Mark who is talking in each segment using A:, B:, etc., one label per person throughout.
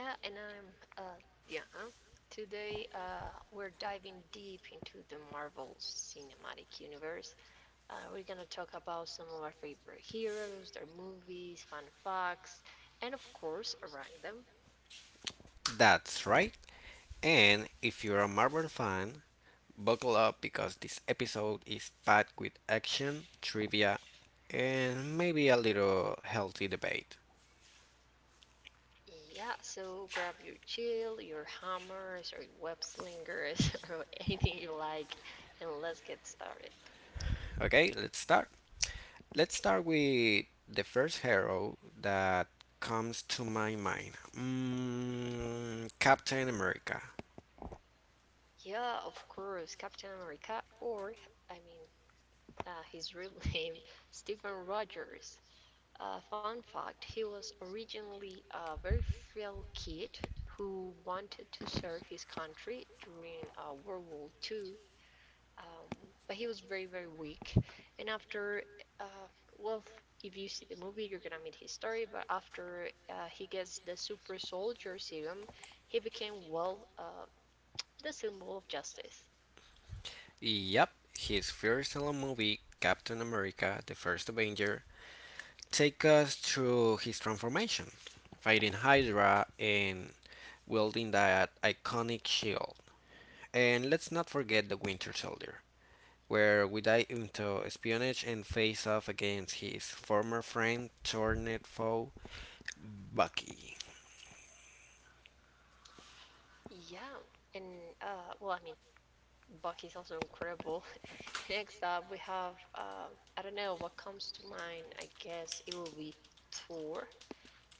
A: Yeah, and I'm Diana. Today, we're diving deep into the Marvel Cinematic Universe. We're gonna talk about some of our favorite heroes, their movies, fun facts, and of course, rank them. Yeah, so grab your chill, your hammers, or your web slingers, or anything you like, and let's get started. Yeah, of course, Captain America, or, I mean, his real name, Stephen Rogers. Fun fact, he was originally a very frail kid who wanted to serve his country during World War II, um, but he was very, very weak. And after, uh, well, if you see the movie, you're gonna meet his story. But after he gets the super soldier serum, he became, the symbol of justice. Yeah, and I mean, Buck is also incredible. Next up, we have I don't know what comes to mind. I guess it will be Thor.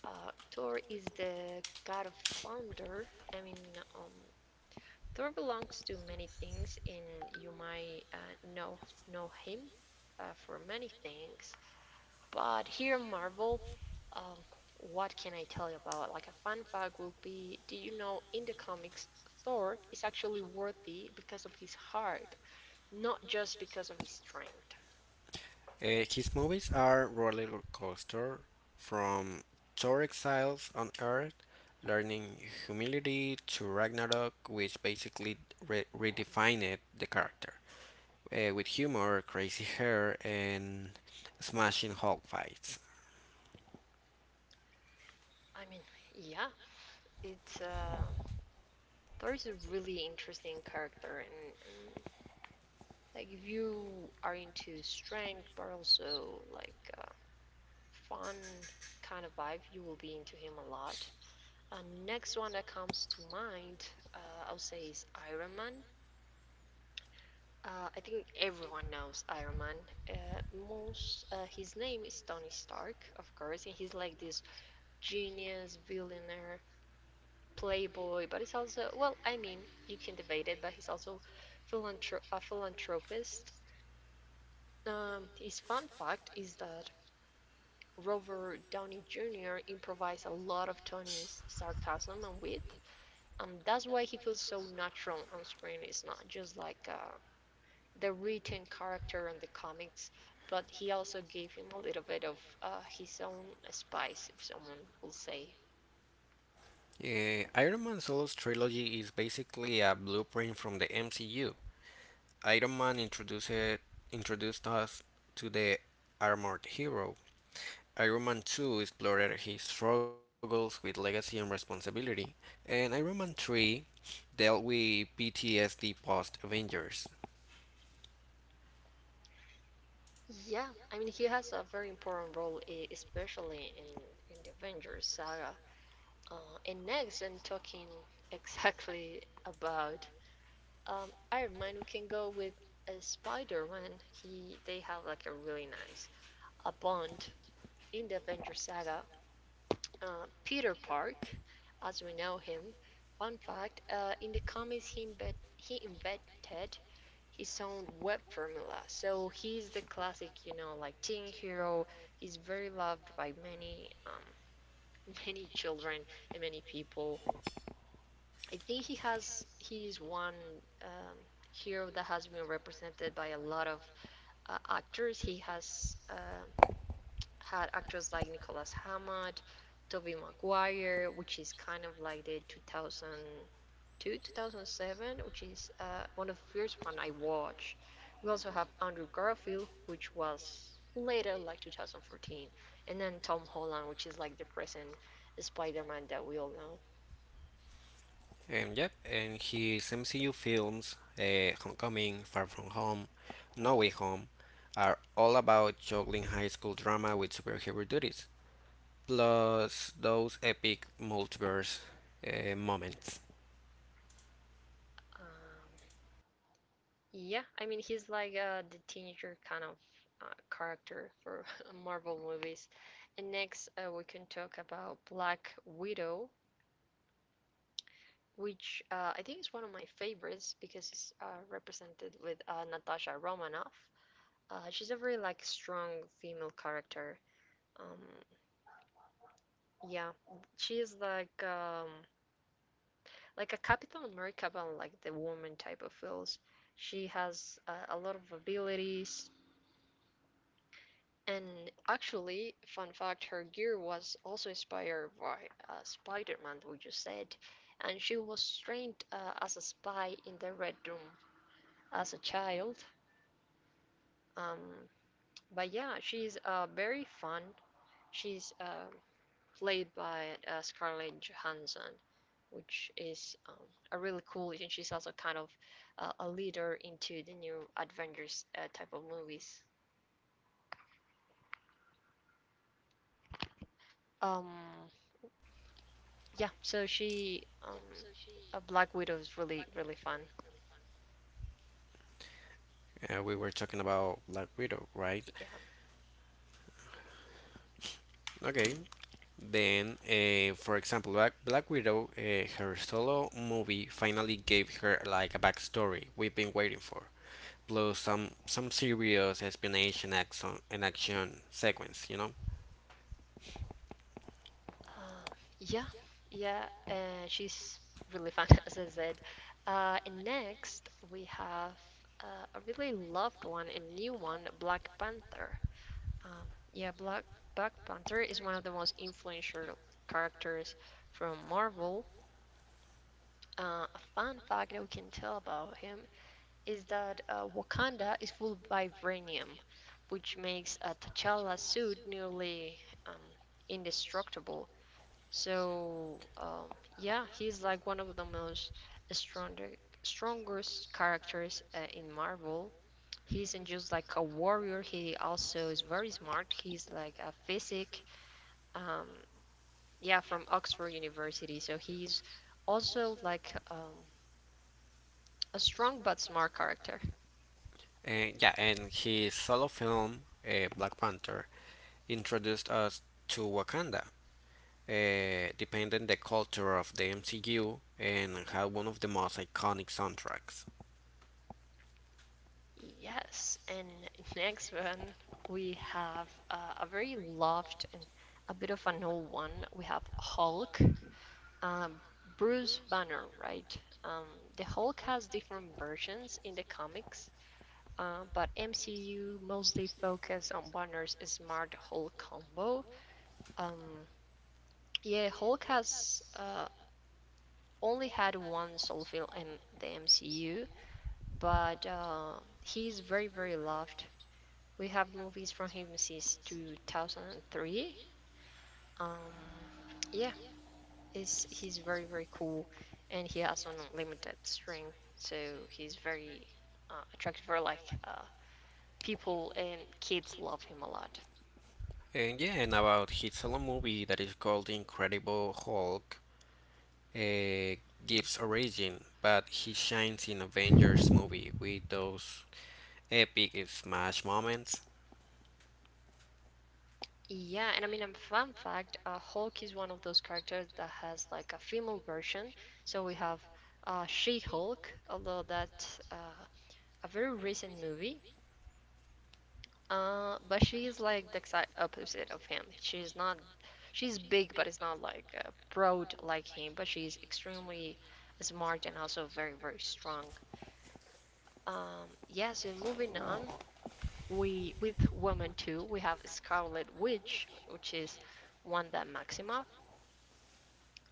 A: Thor is the god of thunder. I mean, um, Thor belongs to many things, and you might know him for many things. But here, in Marvel. Um, what can I tell you about? Like, a fun fact will be: did you know in the comics Thor is actually worthy because of his heart? Not just because of his strength. I mean, yeah, it's Thor is a really interesting character, and like if you are into strength, but also like fun kind of vibe, you will be into him a lot. Next one that comes to mind, uh, I'll say is Iron Man. I think everyone knows Iron Man. Uh, most His name is Tony Stark, of course, and he's like this genius billionaire playboy, but he's also, I mean, you can debate it, but he's also philanthrop a philanthropist. His fun fact is that Robert Downey Jr. improvised a lot of Tony's sarcasm and wit, and that's why he feels so natural on screen. It's not just like the written character on the comics, but he also gave him a little bit of his own spice, if someone will say. Yeah, I mean, he has a very important role, especially in the Avengers saga. And next, and talking exactly about Iron Man, we can go with Spider-Man. He they have like a really nice a bond in the Avengers saga. Peter Park, as we know him. Fun fact: in the comics, he invented his own web formula. So he's the classic, you know, like, teen hero. He's very loved by many, many children and many people. I think he's one um, hero that has been represented by a lot of actors. He has had actors like Nicholas Hammett, Tobey Maguire, which is kind of like the 2002, 2007, which is one of the first one I watched. We also have Andrew Garfield, which was later, like 2014, and then Tom Holland, which is like the present Spider-Man that we all know. Um, yeah, I mean, he's like the teenager kind of character for Marvel movies. And next, we can talk about Black Widow, which I think is one of my favorites because it's represented with Natasha Romanoff. She's a very like strong female character. Um, yeah, she is like a Captain America, but like the woman type of feels. She has a lot of abilities, and actually, fun fact, her gear was also inspired by Spider-Man, we just said, and she was trained as a spy in the Red Room as a child. Um, but yeah, she's very fun. She's played by Scarlett Johansson, which is a really cool, and she's also kind of a leader into the new Avengers type of movies. Um, yeah, so Black Widow is really, really fun.
B: We were talking about Black Widow, right?
A: Yeah.
B: Okay, then for example, Black Widow, her solo movie finally gave her like a backstory we've been waiting for, plus some serious explanation action and action sequence, you know.
A: Um, yeah, yeah, and she's really fun, as I said. And next we have a really loved one and new one, Black Panther. Um, yeah, Black Panther is one of the most influential characters from Marvel. A fun fact that we can tell about him is that Wakanda is full of vibranium, which makes a T'Challa suit nearly um, indestructible. So, yeah, he's like one of the most stronger, strongest characters in Marvel. He isn't just like a warrior, he also is very smart. He's like a physic, um, yeah, from Oxford University. So he's also like a strong but smart character.
B: And yeah, and his solo film, Black Panther, introduced us to Wakanda, depending the culture of the MCU and had one of the most iconic soundtracks.
A: Yes, and next one we have a very loved and a bit of an old one. We have Hulk. Um, Bruce Banner, right? Um, the Hulk has different versions in the comics, but MCU mostly focus on Banner's Smart Hulk combo. Um, yeah, Hulk has only had one solo film in the MCU, but he's very, very loved. We have movies from him since 2003. Um, yeah, is He's very, very cool, and he has unlimited strength, so he's very attractive for like people, and kids love him a lot.
B: And yeah, and about his solo movie that is called The Incredible Hulk, uh, gives origin, but he shines in Avengers movie with those epic smash moments.
A: Yeah, and I mean, a fun fact, Hulk is one of those characters that has like a female version. So we have She-Hulk, although that's a very recent movie. But she's like the exact opposite of him. She's big, but it's not like broad like him. But she's extremely smart and also very, very strong. Yeah. So moving on, we with woman two, we have Scarlet Witch, which is Wanda Maximoff.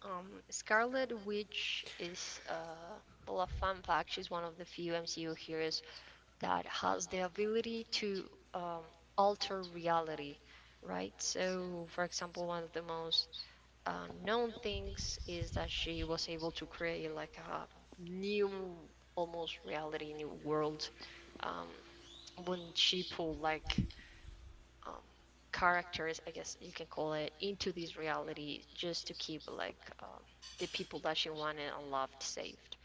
A: Scarlet Witch is well, a fun fact. She's one of the few MCU heroes that has the ability to um, alter reality, right? So, for example, one of the most known things is that she was able to create like a new, almost reality, new world um, when she pulled like um, characters, I guess you can call it, into this reality just to keep like the people that she wanted and loved saved.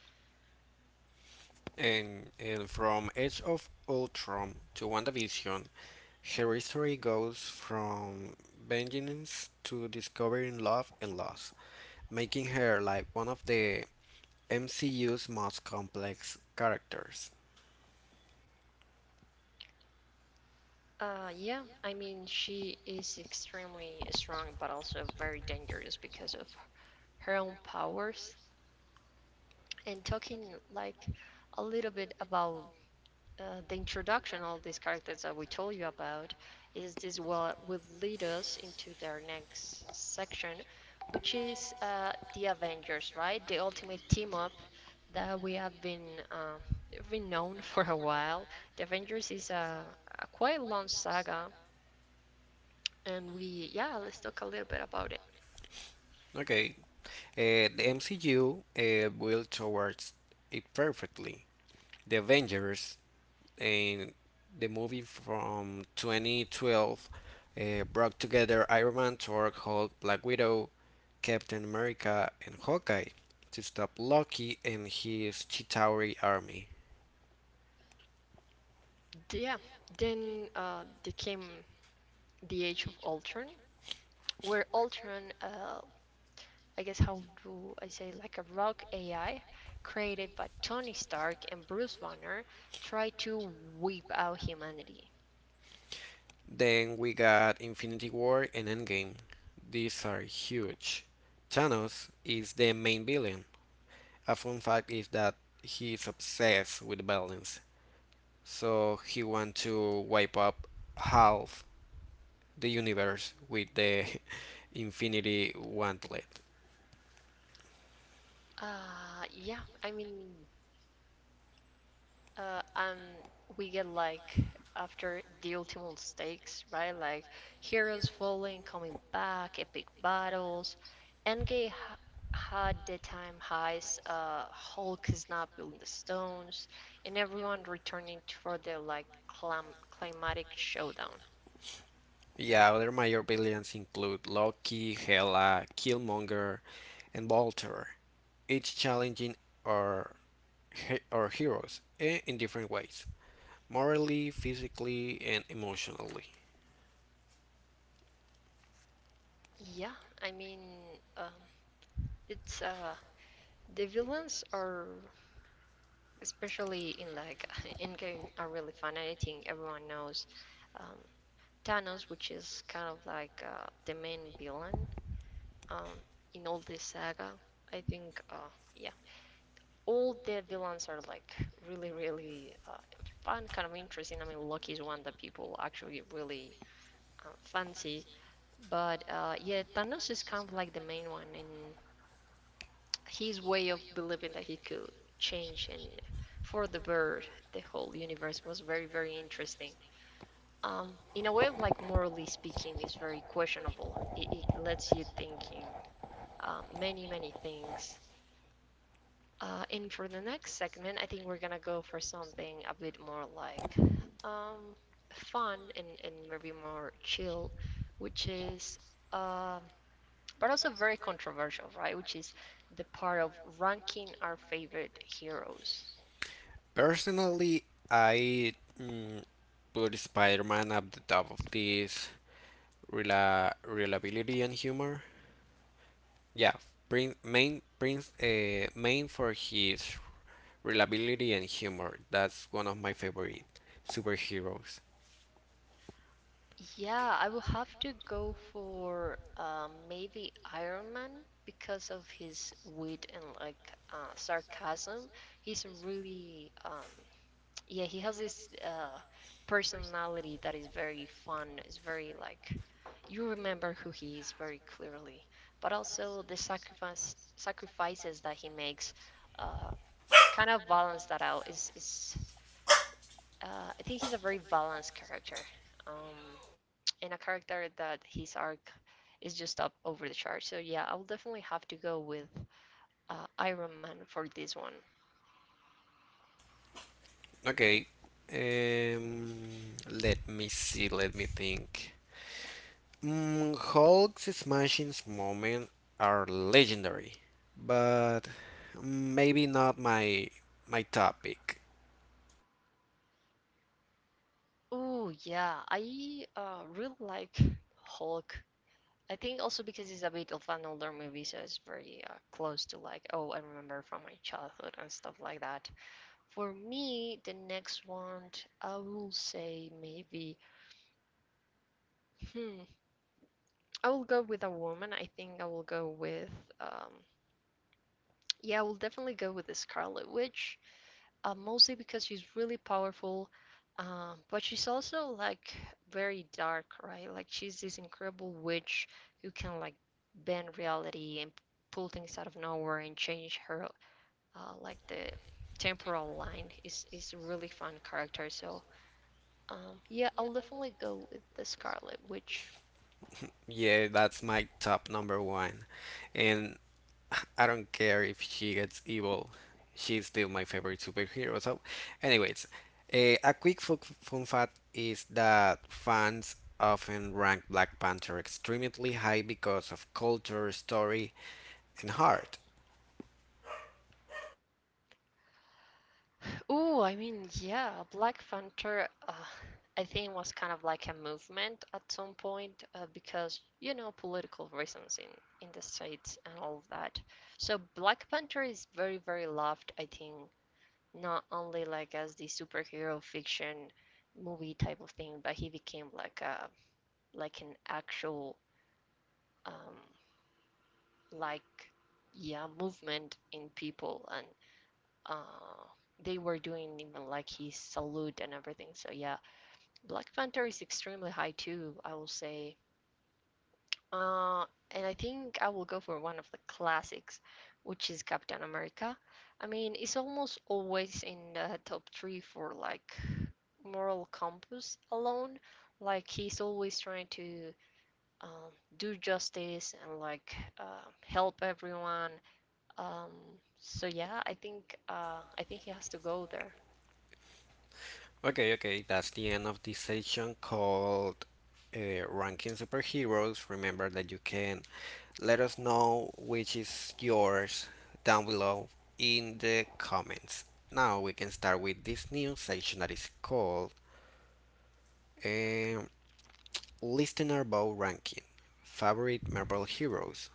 B: And from Age of Ultron to WandaVision, her history goes from vengeance to discovering love and loss, making her like one of the MCU's most complex characters.
A: Yeah, I mean, she is extremely strong, but also very dangerous because of her own powers. And talking like a little bit about the introduction, all these characters that we told you about, is this what will lead us into their next section, which is the Avengers, right? The ultimate team up that we have been known for a while. The Avengers is a quite long saga. And we, yeah, let's talk a little bit about it.
B: Okay. The MCU built towards it perfectly. The Avengers and the movie from 2012 brought together Iron Man, Thor, Hulk, Black Widow, Captain America, and Hawkeye to stop Loki and his Chitauri army.
A: Yeah, then there came the age of Ultron, where Ultron, I guess, how do I say, like a rogue AI created by Tony Stark and Bruce Banner, tried to wipe out humanity.
B: Then we got Infinity War and Endgame. These are huge. Thanos is the main villain. A fun fact is that he is obsessed with balance. So he want to wipe up half the universe with the Infinity Wantlet.
A: Uh, yeah, I mean, and we get like, after the ultimate stakes, right? Like heroes falling, coming back, epic battles. Enge ha- Had the time highs, Hulk snapping the stones, and everyone returning for the like climatic showdown.
B: Yeah, other major villains include Loki, Hela, Killmonger, and Voltor, each challenging our, our heroes in different ways, morally, physically, and emotionally.
A: Yeah, I mean, um, it's the villains are, especially in like in game, are really fun. I think everyone knows um, Thanos, which is kind of like the main villain um, in all this saga. Yeah, all the villains are like really, really fun, kind of interesting. I mean, Loki's one that people actually really fancy, but yeah, Thanos is kind of like the main one, and his way of believing that he could change and for the bird the whole universe was very, very interesting. Um, in a way, like morally speaking, is very questionable. It lets you thinking many, many things. And for the next segment, I think we're gonna go for something a bit more like um, fun and maybe more chill, which is, um but also very controversial, right? Which is the part of ranking our favorite heroes.
B: Personally, I put Spider Man at the top of this reliability and humor. Yeah, Prince, main for his reliability and humor. That's one of my favorite superheroes.
A: Yeah, I will have to go for maybe Iron Man because of his wit and like sarcasm. He's a really yeah, he has this personality that is very fun. It's very like, you remember who he is very clearly, but also the sacrifices that he makes uh, kind of balance that out. Is I think he's a very balanced character. Um, and a character that his arc is just up over the chart. So yeah, I'll definitely have to go with Iron Man for this one.
B: Okay, um, let me see. Let me think. Hulk's smashing moments are legendary, but maybe not my topic.
A: Oh yeah, I really like Hulk. I think also because it's a bit of an older movie, so it's very close to like, oh, I remember from my childhood and stuff like that. For me, the next one, I will say maybe, hmm, I will go with a woman. I think I will go with, um, yeah, I will definitely go with the Scarlet Witch. Mostly because she's really powerful, but she's also like very dark, right? Like she's this incredible witch who can like bend reality and pull things out of nowhere and change her like the temporal line is a really fun character. So yeah, I'll definitely go with the Scarlet Witch.
B: Yeah, that's my top number one, and I don't care if she gets evil, she's still my favorite superhero. So, anyways, a quick fun fact is that fans often rank Black Panther extremely high because of culture, story, and heart.
A: Oh, I mean, yeah, Black Panther, I think was kind of like a movement at some point because, you know, political reasons in the States and all of that. So Black Panther is very, very loved, I think, not only like as the superhero fiction movie type of thing, but he became like a like an actual um, like yeah movement in people and uh, they were doing even like his salute and everything. So yeah, Black Panther is extremely high too, I will say. Uh, and I think I will go for one of the classics, which is Captain America. I mean, it's almost always in the top three for like moral compass alone. Like he's always trying to um, do justice and like help everyone. Um, so yeah, I think he has to go there.
B: Okay, okay, that's the end of this session called Ranking Superheroes. Remember that you can let us know which is yours down below in the comments. Now we can start with this new section that is called um, Listener Bow Ranking Favorite Marvel Heroes.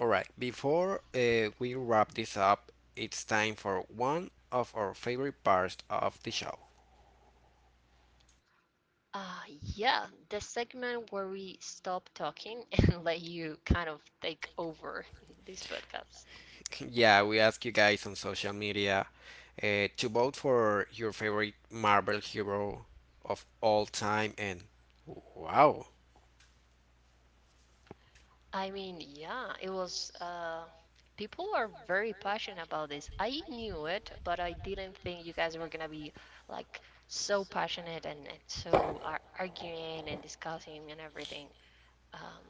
B: Alright, before we wrap this up, it's time for one of our favorite parts of the show.
A: Uh, yeah, the segment where we stop talking and let you kind of take over this podcast.
B: Yeah, we ask you guys on social media to vote for your favorite Marvel hero of all time, and wow,
A: I mean, yeah, it was. People are very passionate about this. I knew it, but I didn't think you guys were gonna be like so passionate and so ar arguing and discussing and everything. Um,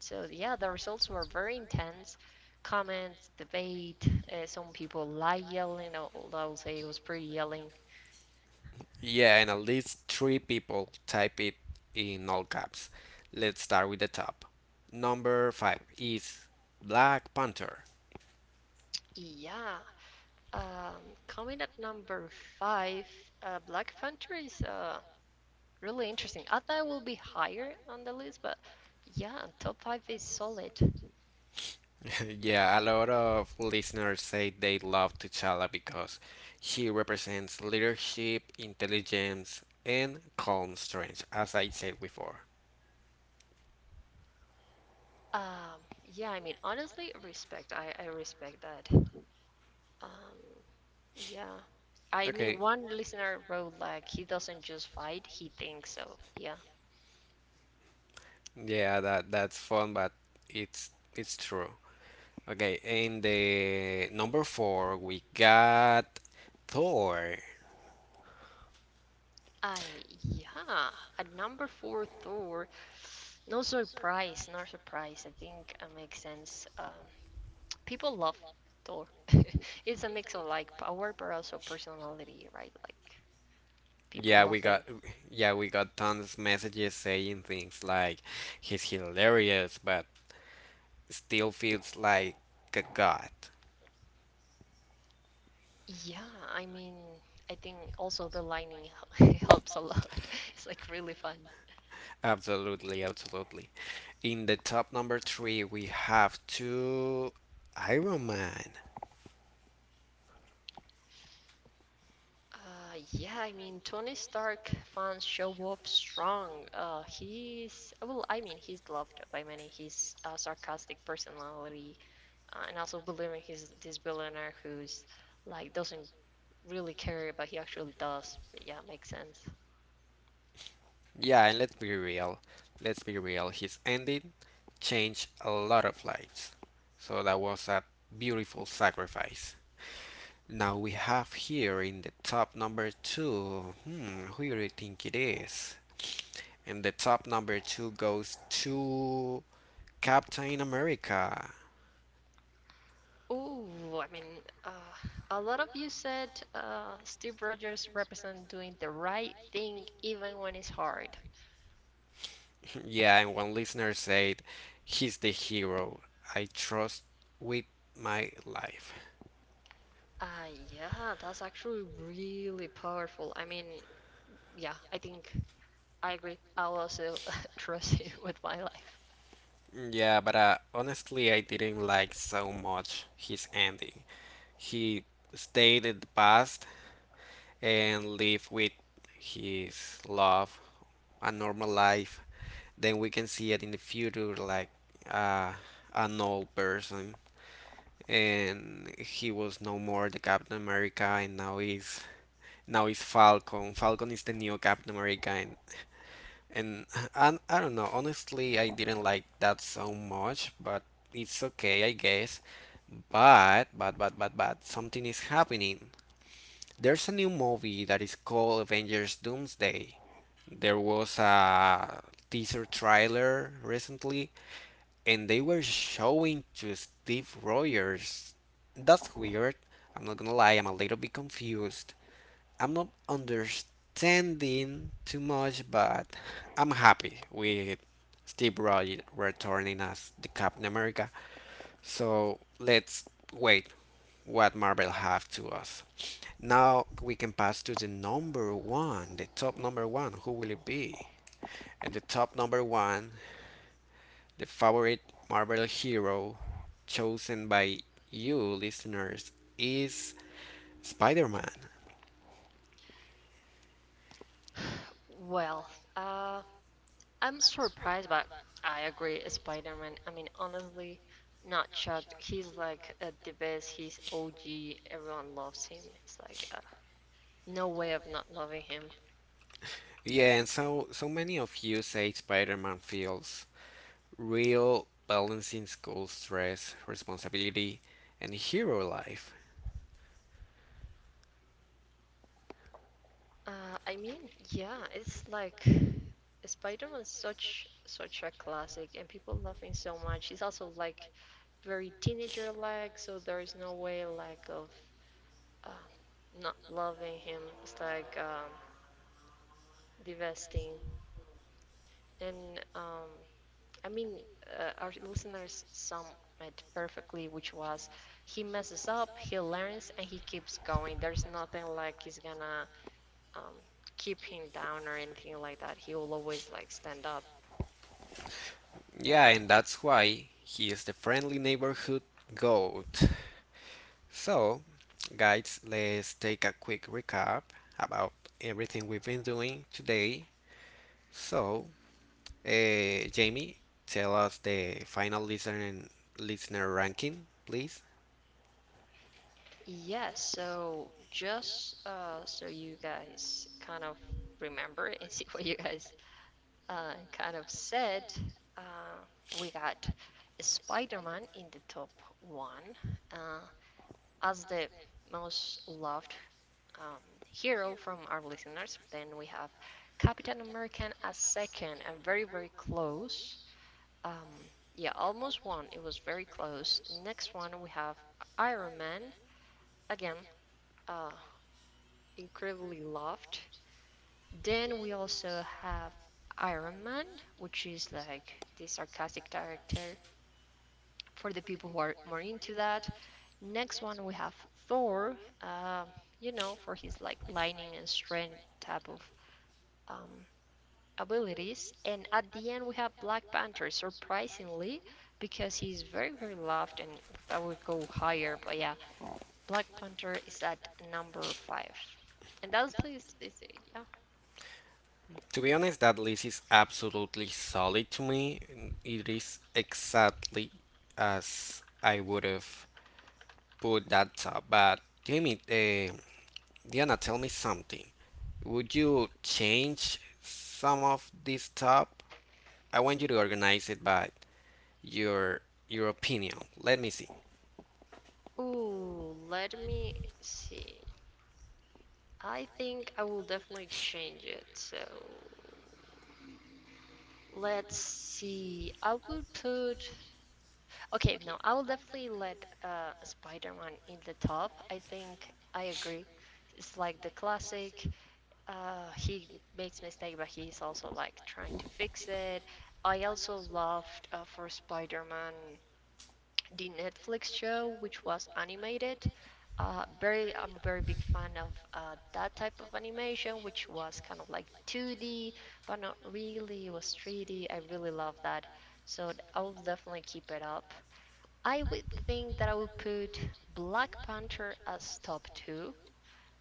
A: so yeah, the results were very intense. Comments, debate. Some people like yelling, although I will say it was pretty yelling.
B: yeah, and at least three people type it in all caps. Let's start with the top. Number five is Black Panther.
A: Yeah. Um, Coming at number five, Black Panther is really interesting. I thought it will be higher on the list, but yeah, top five is solid.
B: Yeah, a lot of listeners say they love T'Challa because she represents leadership, intelligence, and calm strength, as I said before.
A: Yeah, I mean, honestly, respect. I respect that. Um, yeah. I mean,
B: Okay.
A: one listener wrote like he doesn't just fight, he thinks so. Yeah.
B: Yeah, that's fun, but it's true. Okay, in the number four we got Thor.
A: I Yeah, at number four Thor, no surprise, no surprise. I think it makes sense. People love Thor. It's a mix of like power, but also personality, right? Like people
B: Yeah,
A: love
B: we
A: him.
B: got yeah we got tons of messages saying things like he's hilarious, but still feels like a god.
A: Yeah, I mean, I think also the lining helps a lot. It's like really fun.
B: Absolutely, absolutely. In the top number three we have two Iron Man.
A: Yeah, I mean, Tony Stark fans show up strong. He's, well, I mean, he's loved by many. His sarcastic personality, and also believing he's this billionaire who's like doesn't really care, but he actually does. Yeah, makes sense.
B: Yeah, and let's be real. Let's be real. His ending changed a lot of lives. So that was a beautiful sacrifice. Now we have here in the top number two. Hmm, who do you think it is? And the top number two goes to Captain America.
A: Ooh, I mean, uh, a lot of you said Steve Rogers represent doing the right thing even when it's hard.
B: Yeah, and one listener said, he's the hero I trust with my life.
A: Uh, yeah, that's actually really powerful. I mean, yeah, I think I agree. I'll also trust him with my life.
B: Yeah, but honestly, I didn't like so much his ending. He stayed in the past and lived with his love a normal life. Then we can see it in the future like uh, an old person. And he was no more the Captain America and now he's Falcon. Falcon is the new Captain America and and I don't know. Honestly, I didn't like that so much, but it's okay, I guess. But something is happening. There's a new movie that is called Avengers Doomsday. There was a teaser trailer recently, and they were showing to Steve Rogers. That's weird. I'm not gonna lie, I'm a little bit confused. I'm not understanding too much, but I'm happy with Steve Rogers returning as the Captain America. So let's wait what Marvel have to us. Now we can pass to the number one, the top number one. Who will it be? And the top number one, the favorite Marvel hero chosen by you listeners is Spider-Man.
A: Well, uh, I'm surprised, but I agree, Spider-Man. I mean, honestly, not shocked. He's like the best. He's OG. Everyone loves him. It's like no way of not loving him.
B: Yeah, and so many of you say Spider-Man feels real balancing school stress, responsibility, and hero life.
A: I mean, yeah, it's like Spider-Man is such a classic, and people love him so much. He's also like very teenager-like, so there is no way like of uh, not loving him. It's like divesting, and um, I mean, our listeners sum it perfectly, which was he messes up, he learns, and he keeps going. There's nothing like he's gonna um, keep him down or anything like that. He will always like stand up.
B: Yeah, and that's why he is the friendly neighborhood goat. So, guys, let's take a quick recap about everything we've been doing today. So, Jamie, tell us the final listener ranking, please.
A: Yes, so just so you guys kind of remember and see what you guys kind of said, uh, we got Spider-Man in the top one uh, as the most loved hero from our listeners. Then we have Captain American as second and very, very close. Um, yeah, almost one. It was very close. Next one, we have Iron Man. Again, uh, incredibly loved. Then we also have Iron Man, which is like the sarcastic character for the people who are more into that. Next one we have Thor, uh, you know, for his like lightning and strength type of um, abilities. And at the end we have Black Panther, surprisingly, because he's very very loved and that would go higher. But yeah, Black Panther is at number five. And that's list, yeah.
B: To be honest, that list is absolutely solid to me. It is exactly as I would have put that up. But Jamie, Diana, tell me something. Would you change some of this top? I want you to organize it by your your opinion. Let me see.
A: Ooh, let me see. I think I will definitely change it. So let's see. I will put. Okay, no, I will definitely let Spider-Man in the top. I think I agree. It's like the classic. He makes mistake, but he's also like trying to fix it. I also loved for Spider-Man the Netflix show, which was animated. Very, I'm a very big fan of that type of animation, which was kind of like 2D, but not really. It was 3D. I really love that. So I will definitely keep it up. I would think that I would put Black Panther as top two.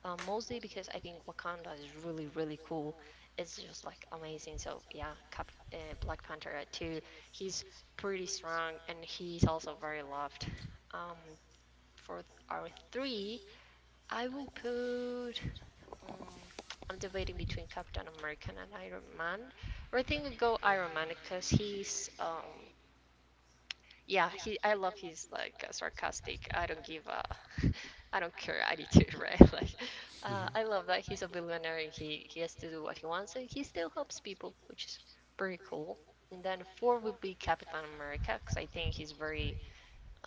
A: Mostly because I think Wakanda is really, really cool. It's just like amazing. So yeah, Cap Black Panther at two. He's pretty strong and he's also very loved. Um, for our three, I will put. Um, I'm debating between Captain America and Iron Man. But I think I'll go Iron Man because he's yeah, he. I love his like sarcastic. I don't give a, I don't care attitude, right? Like, I love that he's a billionaire. And he has to do what he wants, and he still helps people, which is pretty cool. And then four would be Captain America, because I think he's very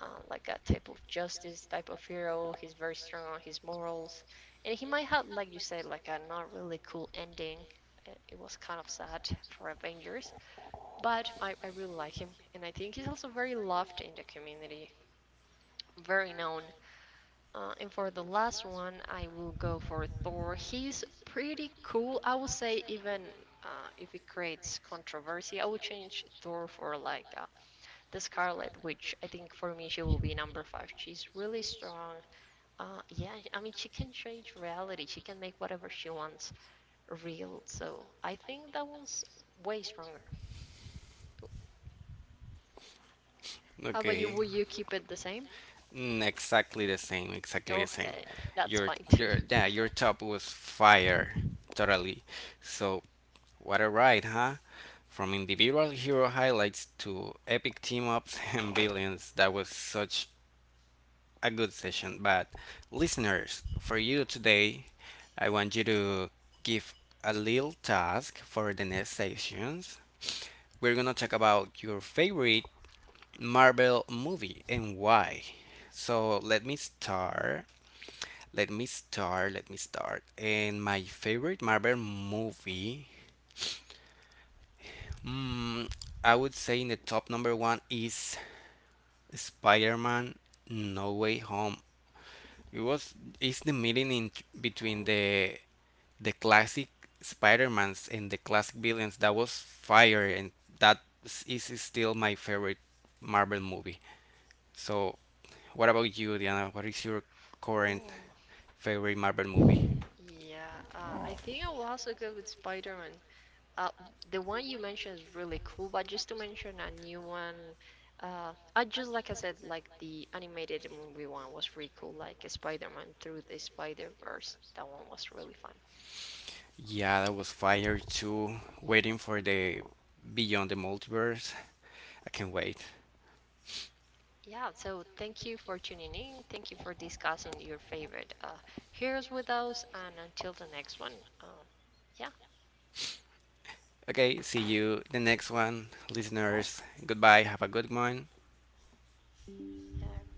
A: like a type of justice type of hero. He's very strong on his morals, and he might have, like you said, like a not really cool ending. It was kind of sad for Avengers, but I really like him, and I think he's also very loved in the community, very known. And for the last one, I will go for Thor. He's pretty cool. I would say even if it creates controversy, I would change Thor for like the Scarlet, which I think for me she will be number five. She's really strong. Yeah, I mean she can change reality. She can make whatever she wants real. So I think that one's way stronger. How about you?
B: Okay.
A: Will you keep it the same?
B: Exactly the same. Exactly the same.
A: Okay, that's
B: Your
A: fine too.
B: your yeah, your top was fire totally. So what a ride, huh? From individual hero highlights to epic team ups and billions. That was such a good session. But listeners, for you today, I want you to give a little task for the next sessions. We're gonna talk about your favorite Marvel movie and why. So let me start. Let me start. And my favorite Marvel movie, mm, I would say in the top number one is Spider-Man: No Way Home. It's the meeting in between the classic Spider-Mans and the classic villains that was fire and that is still my favorite Marvel movie. So, what about you, Diana? What is your current
A: Oh.
B: favorite Marvel movie?
A: Yeah, I think I will also go with Spider-Man. Uh, the one you mentioned is really cool, but just to mention a new one, I just like I said, like the animated movie one was really cool, like Spider-Man Through the Spider-Verse. That one was really fun.
B: Yeah, that was fire too. Waiting for the Beyond the Multiverse. I can't wait.
A: Yeah, so thank you for tuning in. Thank you for discussing your favorite heroes with us, and until the next one, uh, yeah,
B: Okay, see you the next one, listeners. Goodbye. Have a good one.
A: uh,